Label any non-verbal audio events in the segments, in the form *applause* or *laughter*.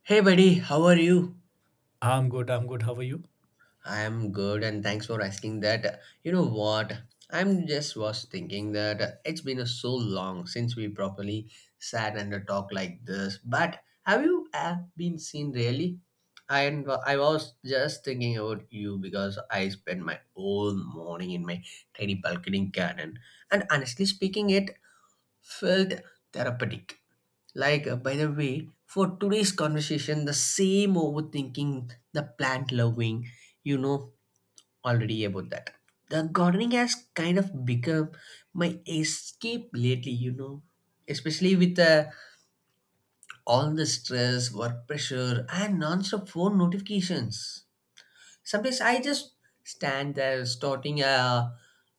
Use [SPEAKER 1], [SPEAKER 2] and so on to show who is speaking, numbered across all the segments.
[SPEAKER 1] Hey buddy, how are you?
[SPEAKER 2] I'm good. I'm good. How are you?
[SPEAKER 1] I am good and thanks for asking that. You know what? I'm just was thinking that it's been a so long since we properly sat and talked like this. But have you been seen really? I I was just thinking about you because I spent my whole morning in my tiny balcony garden, and honestly speaking, it felt therapeutic. By the way, for today's conversation, the same overthinking, the plant loving, you know already about that. The gardening has kind of become my escape lately, you know, especially with all the stress, work pressure, and non-stop phone notifications. Sometimes I just stand there starting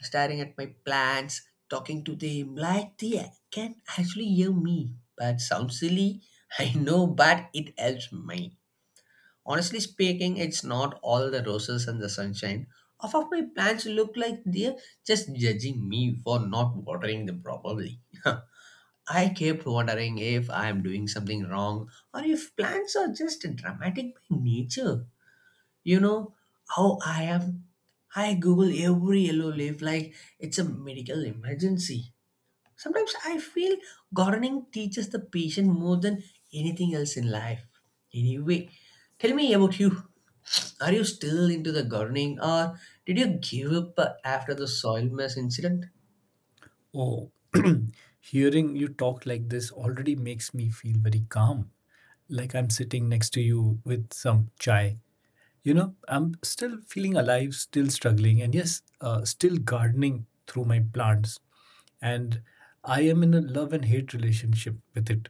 [SPEAKER 1] staring at my plants, talking to them like they can actually hear me. But sounds silly, *laughs* I know, but it helps me. Honestly speaking, it's not all the roses and the sunshine. Half of my plants look like they're just judging me for not watering them properly. *laughs* I kept wondering if I'm doing something wrong or if plants are just dramatic by nature. You know how I am. I google every yellow leaf like it's a medical emergency. Sometimes I feel gardening teaches the patient more than anything else in life. Anyway, tell me about you. Are you still into the gardening, or did you give up after the soil mess incident?
[SPEAKER 2] Oh, *clears throat* hearing you talk like this already makes me feel very calm. Like I'm sitting next to you with some chai. You know, I'm still feeling alive, still struggling, and yes, still gardening through my plants. And I am in a love and hate relationship with it.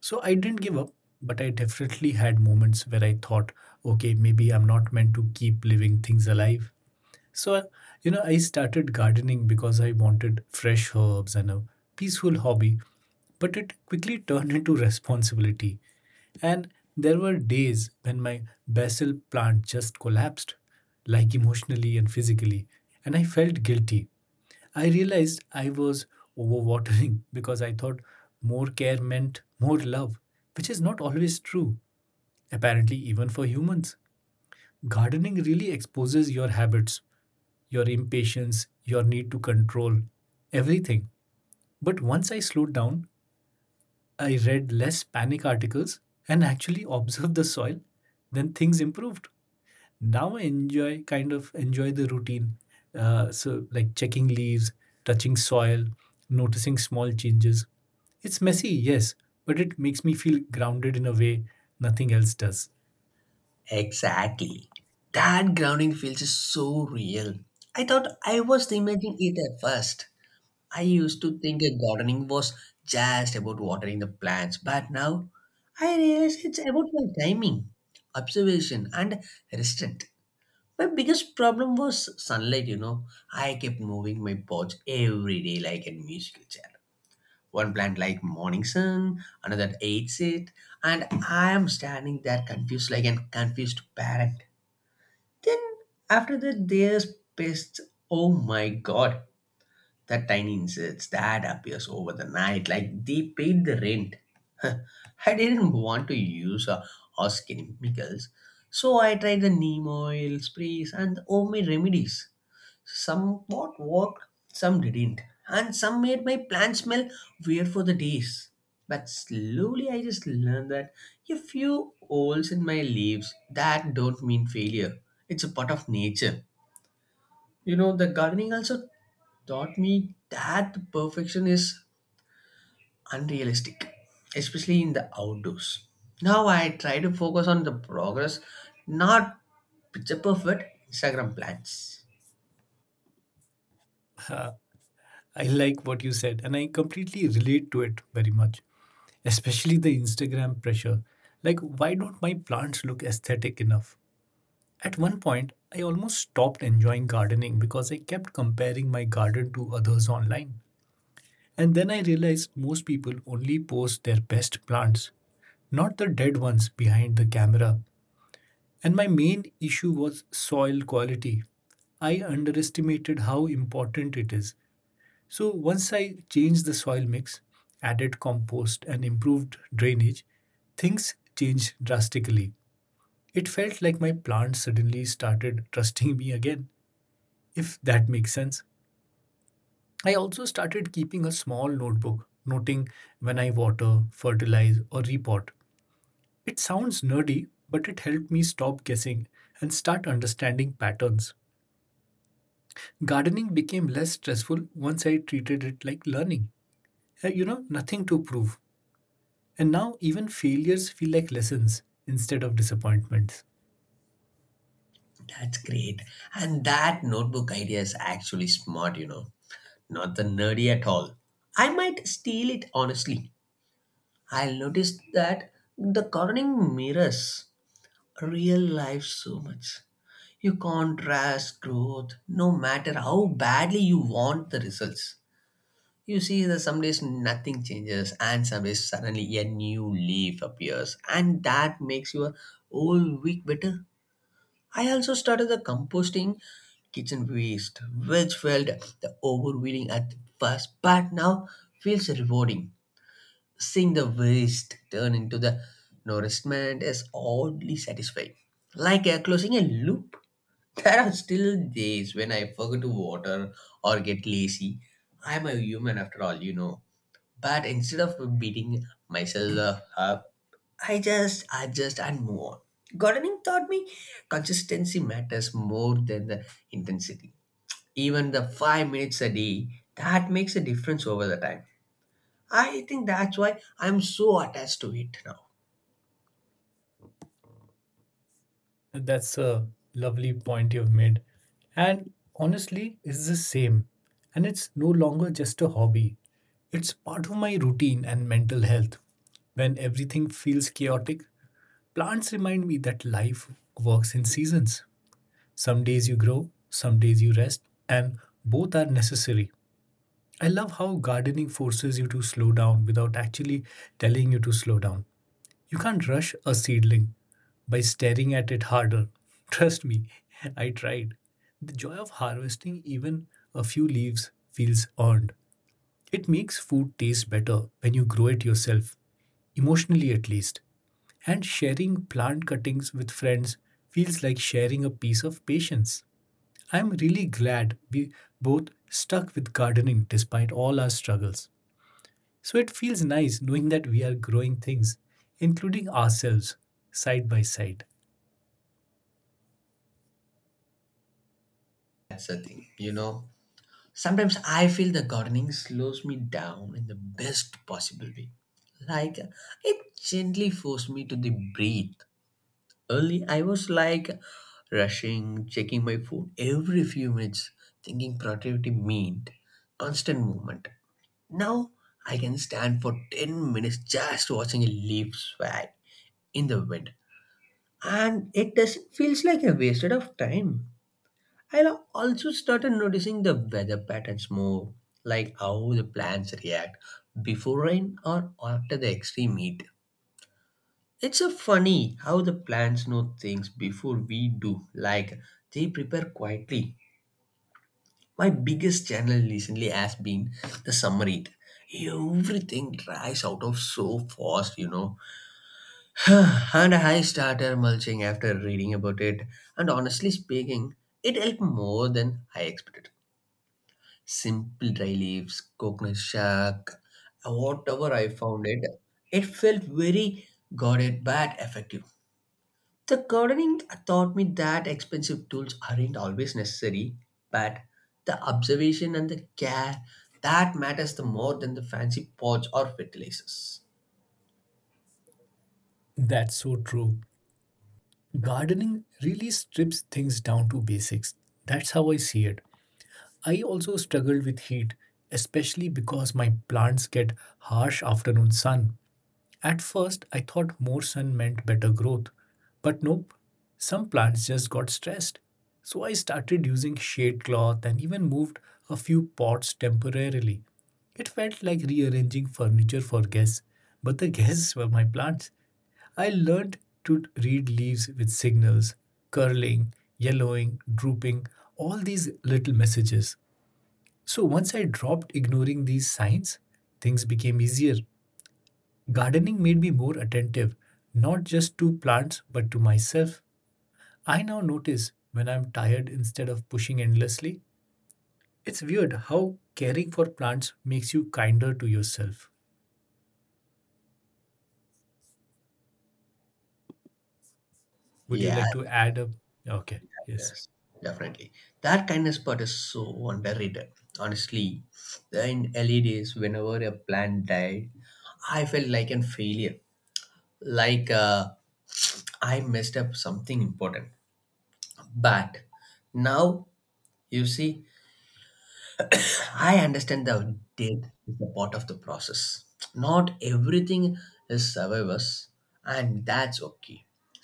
[SPEAKER 2] So I didn't give up, but I definitely had moments where I thought, okay, maybe I'm not meant to keep living things alive. So, you know, I started gardening because I wanted fresh herbs and a peaceful hobby, but it quickly *laughs* turned into responsibility. And there were days when my basil plant just collapsed, like emotionally and physically, and I felt guilty. I realized I was overwatering *laughs* because I thought more care meant more love, which is not always true, apparently, even for humans. Gardening really exposes your habits, your impatience, your need to control, everything. But once I slowed down, I read less panic articles and actually *laughs* observed the soil, then things improved. Now I enjoy kind of enjoy the routine. So like checking leaves, touching soil, noticing small changes. It's messy, yes, but it makes me feel grounded in a way nothing else does.
[SPEAKER 1] Exactly. That grounding feels is so real. I thought I was imagining it at first. I used to think that gardening was just about watering the plants, but now I realize it's about my timing, observation, and restraint. My biggest problem was sunlight, you know. I kept moving my pots every day like a musical chair. One plant like morning sun, another hates it, and I am standing there confused like an confused parent. Then after that, there's pests. Oh my god. That tiny insects that appears over the night like they paid the rent. *laughs* I didn't want to use horse chemicals, so I tried the neem oil sprays and the homemade remedies. Some what worked, some didn't, and some made my plant smell weird for the days. But slowly I just learned that a few holes in my leaves that don't mean failure. It's a part of nature. You know, the gardening also taught me that perfection is unrealistic, especially in the outdoors. Now I try to focus on the progress, not picture perfect Instagram plans.
[SPEAKER 2] I like what you said and I completely relate to it very much. Especially the Instagram pressure. Like, why don't my plants look aesthetic enough? At one point, I almost stopped enjoying gardening because I kept comparing my garden to others online. And then I realized most people only post their best plants, not the dead ones behind the camera. And my main issue was soil quality. I underestimated how important it is. So once I changed the soil mix, added compost, and improved drainage, things changed drastically. It felt like my plants suddenly started trusting me again, if that makes sense. I also started keeping a small notebook, noting when I water, fertilize, or repot. It sounds nerdy, but it helped me stop guessing and start understanding patterns. Gardening became less stressful once I treated it like learning. You know, nothing to prove. And now even failures feel like lessons instead of disappointments.
[SPEAKER 1] That's great. And that notebook idea is actually smart, you know, not the nerdy at all. I might steal it honestly. I noticed that the gardening mirrors real life so much. You can't rush growth no matter how badly you want the results. You see that some days nothing changes and some days suddenly a new leaf appears and that makes your whole week better. I also started the composting kitchen waste, which felt the overwhelming at first but now feels rewarding. Seeing the waste turn into the nourishment is oddly satisfying, like closing a loop. *laughs* There are still days when I forget to water or get lazy. I'm a human after all, you know. But instead of beating myself up, I just adjust and move on. Gardening taught me consistency matters more than the intensity. Even the 5 minutes a day, that makes a difference over the time. I think that's why I'm so attached to it now.
[SPEAKER 2] That's a lovely point you've made. And honestly, it's the same. And it's no longer just a hobby. It's part of my routine and mental health. When everything feels chaotic, plants remind me that life works in seasons. Some days you grow, some days you rest, and both are necessary. I love how gardening forces you to slow down without actually telling you to slow down. You can't rush a seedling by staring at it harder. Trust me, *laughs* I tried. The joy of harvesting even a few leaves feels earned. It makes food taste better when you grow it yourself, emotionally at least. And sharing plant cuttings with friends feels like sharing a piece of patience. I'm really glad we both stuck with gardening despite all our struggles. So it feels nice knowing that we are growing things, including ourselves, side by side.
[SPEAKER 1] That's the thing, you know. Sometimes I feel the gardening slows me down in the best possible way. Like it gently forced me to the breathe. Early, I was like rushing, checking my phone every few minutes, thinking productivity meant constant movement. Now I can stand for 10 minutes just watching a leaf sway in the wind. And it doesn't feels like a wasted of time. I'll also started noticing the weather patterns more, like how the plants react before rain or after the extreme heat. It's a funny how the plants know things before we do, like they prepare quietly. My biggest channel recently has been the summer heat. Everything dries out of so fast, you know. *sighs* And I started mulching after reading about it, and honestly speaking, it helped more than I expected. Simple dry leaves, coconut shark, whatever I found it, it felt very guarded but effective. The gardening taught me that expensive tools aren't always necessary, but the observation and the care that matters the more than the fancy pots or fertilizers.
[SPEAKER 2] That's so true. Gardening really strips things down to basics. That's how I see it. I also struggled with heat, especially because my plants get harsh afternoon sun. At first, I thought more sun meant better growth, but nope, some plants just got stressed. So I started using shade cloth and even moved a few pots temporarily. It felt like rearranging furniture for guests, but the *laughs* guests were my plants. I learned to read leaves with signals, curling, yellowing, drooping, all these little messages. So once I dropped ignoring these signs, things became easier. Gardening made me more attentive, not just to plants, but to myself. I now notice when I'm tired instead of pushing endlessly. It's weird how caring for plants makes you kinder to yourself. Would you
[SPEAKER 1] Yeah.
[SPEAKER 2] like to add a. Okay, yes.
[SPEAKER 1] Yes, definitely. That kindness part is so underrated. Honestly, in early days, whenever a plant died, I felt like a failure, like uh, I messed up something important. But now, you see, I understand the death is a part of the process. Not everything is survivors, and that's okay.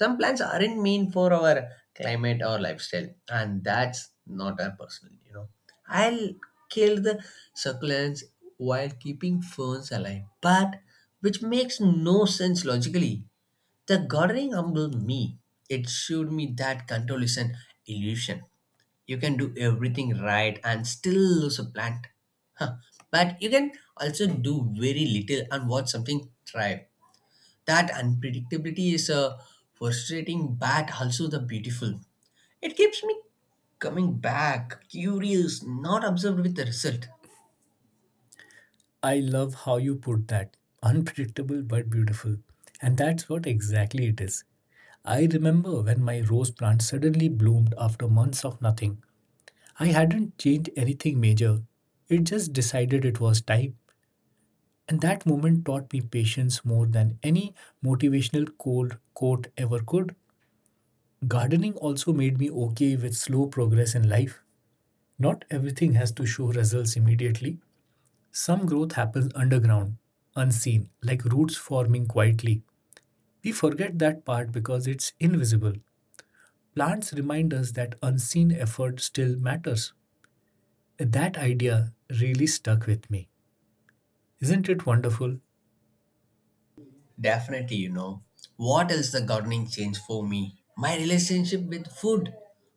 [SPEAKER 1] Some plants aren't mean for our climate or lifestyle, and that's not our personal, you know. I'll kill the succulents while keeping ferns alive, but which makes no sense logically. The gardening humbled me. It showed me that control is an illusion. You can do everything right and still lose a plant. Huh. But you can also do very little and watch something thrive. That unpredictability is frustrating but also the beautiful. It keeps me coming back, curious, not observed with the result.
[SPEAKER 2] I love how you put that. Unpredictable but beautiful. And that's what exactly it is. I remember when my rose plant suddenly bloomed after months of nothing. I hadn't changed anything major. It just decided it was time. And that moment taught me patience more than any motivational cold quote ever could. Gardening also made me okay with slow progress in life. Not everything has to show results immediately. Some growth happens underground, unseen, like roots forming quietly. We forget that part because it's invisible. Plants remind us that unseen effort still matters. That idea really stuck with me. Isn't it wonderful?
[SPEAKER 1] Definitely, you know. What else the gardening changed for me? My relationship with food.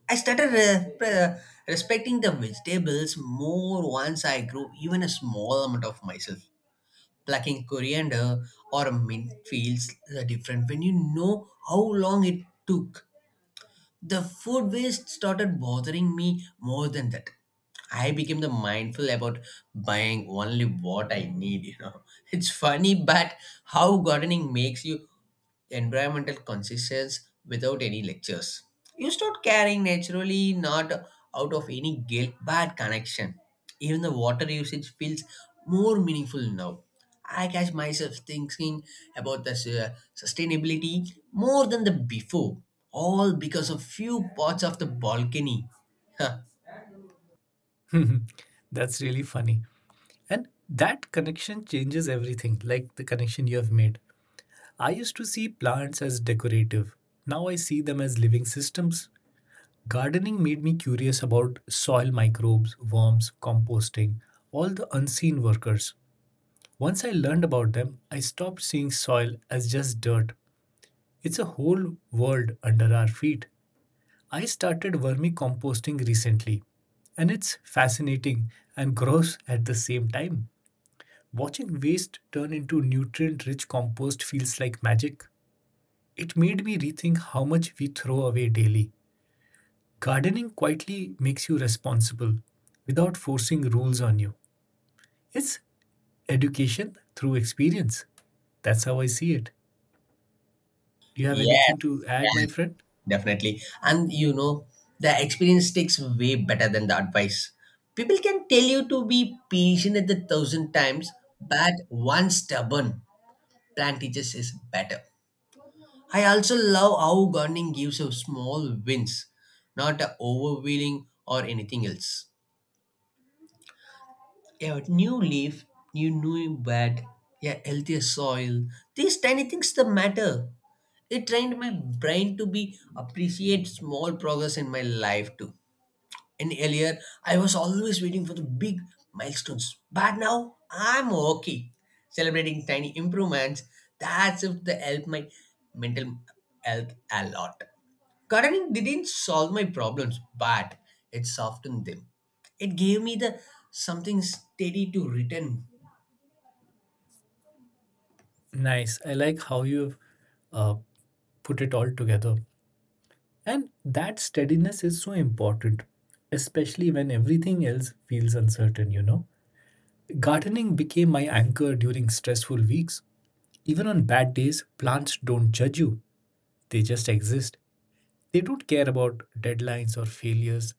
[SPEAKER 1] I started respecting the vegetables more once I grew even a small amount of myself. Plucking coriander or mint feels different when you know how long it took. The food waste started bothering me more than that. I became the mindful about buying only what I need, you know. *laughs* It's funny but how gardening makes you environmental conscious without any lectures. You start caring naturally, not out of any guilt but connection. Even the water usage feels more meaningful now. I catch myself thinking about the sustainability more than the before, all because of few parts of the balcony. Huh.
[SPEAKER 2] *laughs* That's really funny. And that connection changes everything, like the connection you have made. I used to see plants as decorative. Now I see them as living systems. Gardening made me curious about soil microbes, worms, composting, all the unseen workers. Once I learned about them, I stopped seeing soil as just dirt. It's a whole world under our feet. I started vermicomposting recently, and it's fascinating and gross at the same time. Watching waste turn into nutrient rich compost feels like magic. It made me rethink how much we throw away daily. Gardening quietly makes you responsible without forcing rules on you. It's education through experience. That's how I see it. Do you have anything
[SPEAKER 1] Yes,
[SPEAKER 2] to add, my friend?
[SPEAKER 1] definitely. And you know, the experience takes way better than the advice. People can tell you to be patient at the thousand times, but one stubborn plan teaches is better. I also love how gardening gives you small wins, not a overwhelming or anything else. A new leaf, new bed, a healthier soil. These tiny things that matter. It trained my brain to be appreciate small progress in my life too. And earlier, I was always waiting for the big milestones. But now, I'm okay. Celebrating tiny improvements, that's if they help my mental health a lot. Gardening didn't solve my problems, but it softened them. It gave me the something steady to return.
[SPEAKER 2] Nice. I like how you've uh, put it all together. And that steadiness is so important, especially when everything else feels uncertain, you know? Gardening became my anchor during stressful weeks. Even on bad days, plants don't judge you, they just exist. They don't care about deadlines or failures.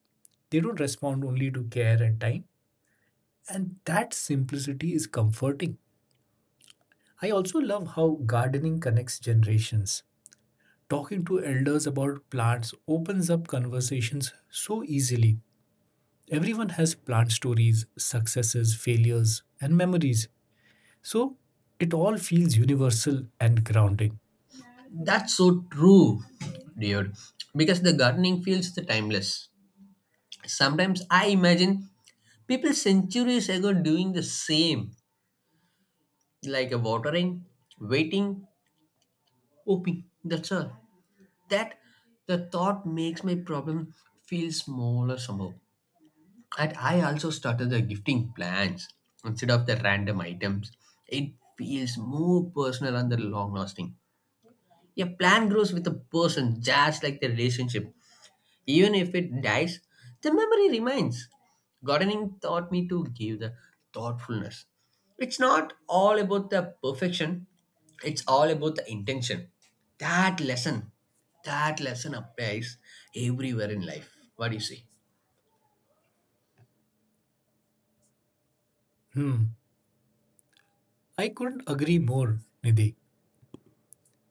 [SPEAKER 2] They don't respond only to care and time. And that simplicity is comforting. I also love how gardening connects generations. Talking to elders about plants opens up conversations so easily. Everyone has plant stories, successes, failures, and memories. So it all feels universal and grounding.
[SPEAKER 1] That's so true, dude. Because the gardening feels the timeless. Sometimes I imagine people centuries ago doing the same. Like a watering, waiting, hoping. That's all. That the thought makes my problem feel smaller somehow. And I also started the gifting plans instead of the random items. It feels more personal and the long lasting. A plan grows with a person, just like the relationship. Even if it dies, the memory remains. Gardening taught me to give the thoughtfulness. It's not all about the perfection, it's all about the intention. That lesson, that lesson applies everywhere in life. What do you say?
[SPEAKER 2] I couldn't agree more, Nidhi,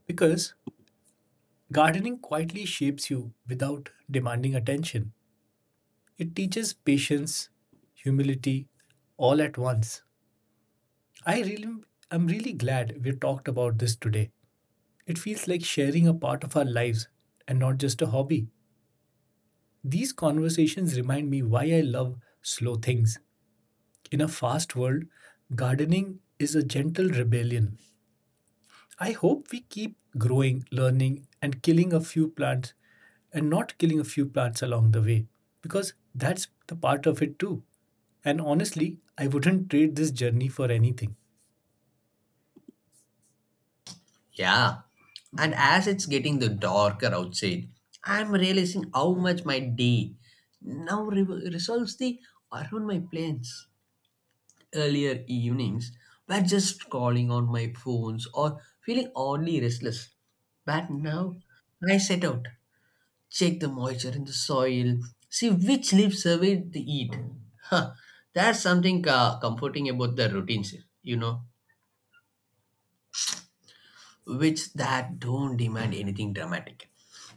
[SPEAKER 2] because gardening quietly shapes you without demanding attention. It teaches patience, humility, all at once. I really I'm really glad we talked about this today. It feels like sharing a part of our lives and not just a hobby. These conversations remind me why I love slow things. In a fast world, gardening is a gentle rebellion. I hope we keep growing, learning, and not killing a few plants along the way because that's the part of it too. And honestly, I wouldn't trade this journey for anything.
[SPEAKER 1] Yeah. And as it's getting the darker outside, I'm realizing how much my day now resolves the around my plans. Earlier evenings were just calling on my phones or feeling oddly restless. But now I set out, check the moisture in the soil, see which leaves surveyed to eat. Huh, there's something comforting about the routines, you know, which that don't demand anything dramatic.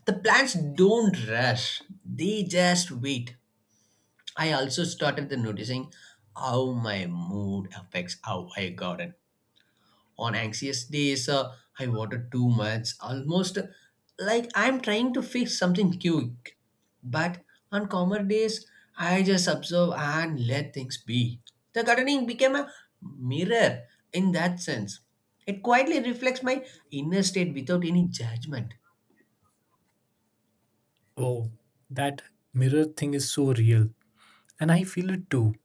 [SPEAKER 1] The plants don't rush, they just wait. I also started the noticing how my mood affects how I garden. On anxious days, I water too much, almost like I'm trying to fix something quick. But on calmer days I just observe and let things be. The gardening became a mirror in that sense. It quietly reflects my inner state without any judgment.
[SPEAKER 2] Oh, that mirror thing is so real, and I feel it too.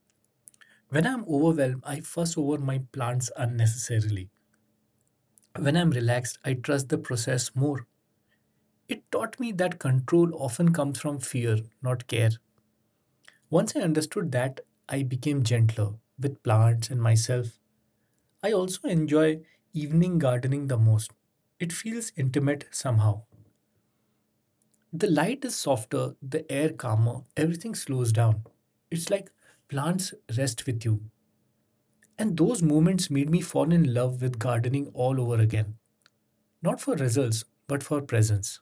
[SPEAKER 2] When I'm overwhelmed, I fuss over my plants unnecessarily. When I'm relaxed, I trust the process more. It taught me that control often comes from fear, not care. Once I understood that, I became gentler with plants and myself. I also enjoy evening gardening the most. It feels intimate somehow. The light is softer, the air calmer, everything slows down. It's like plants rest with you. And those moments made me fall in love with gardening all over again. Not for results, but for presence.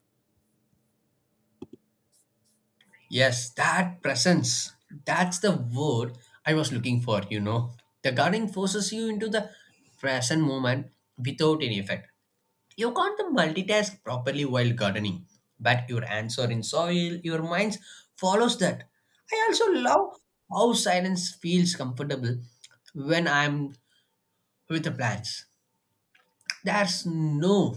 [SPEAKER 1] Yes, that presence, that's the word I was looking for, you know. The gardening forces you into the present moment without any effect. You can't multitask properly while gardening, but your hands are in soil, your mind follows that. I also love how silence feels comfortable when I'm with the plants. There's no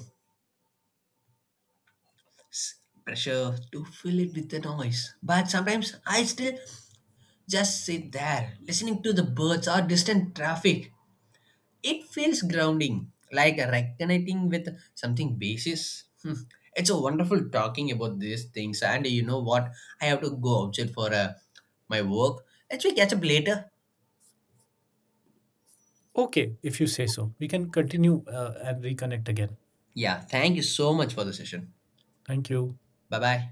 [SPEAKER 1] pressure to fill it with the noise, but sometimes I still just sit there listening to the birds or distant traffic. It feels grounding, like reconnecting with something basis. Hmm. It's a wonderful talking about these things, and you know what? I have to go outside for my work. Let's we catch up later.
[SPEAKER 2] Okay, if you say so. We can continue and reconnect again.
[SPEAKER 1] Yeah, thank you so much for the session.
[SPEAKER 2] Thank you.
[SPEAKER 1] Bye bye.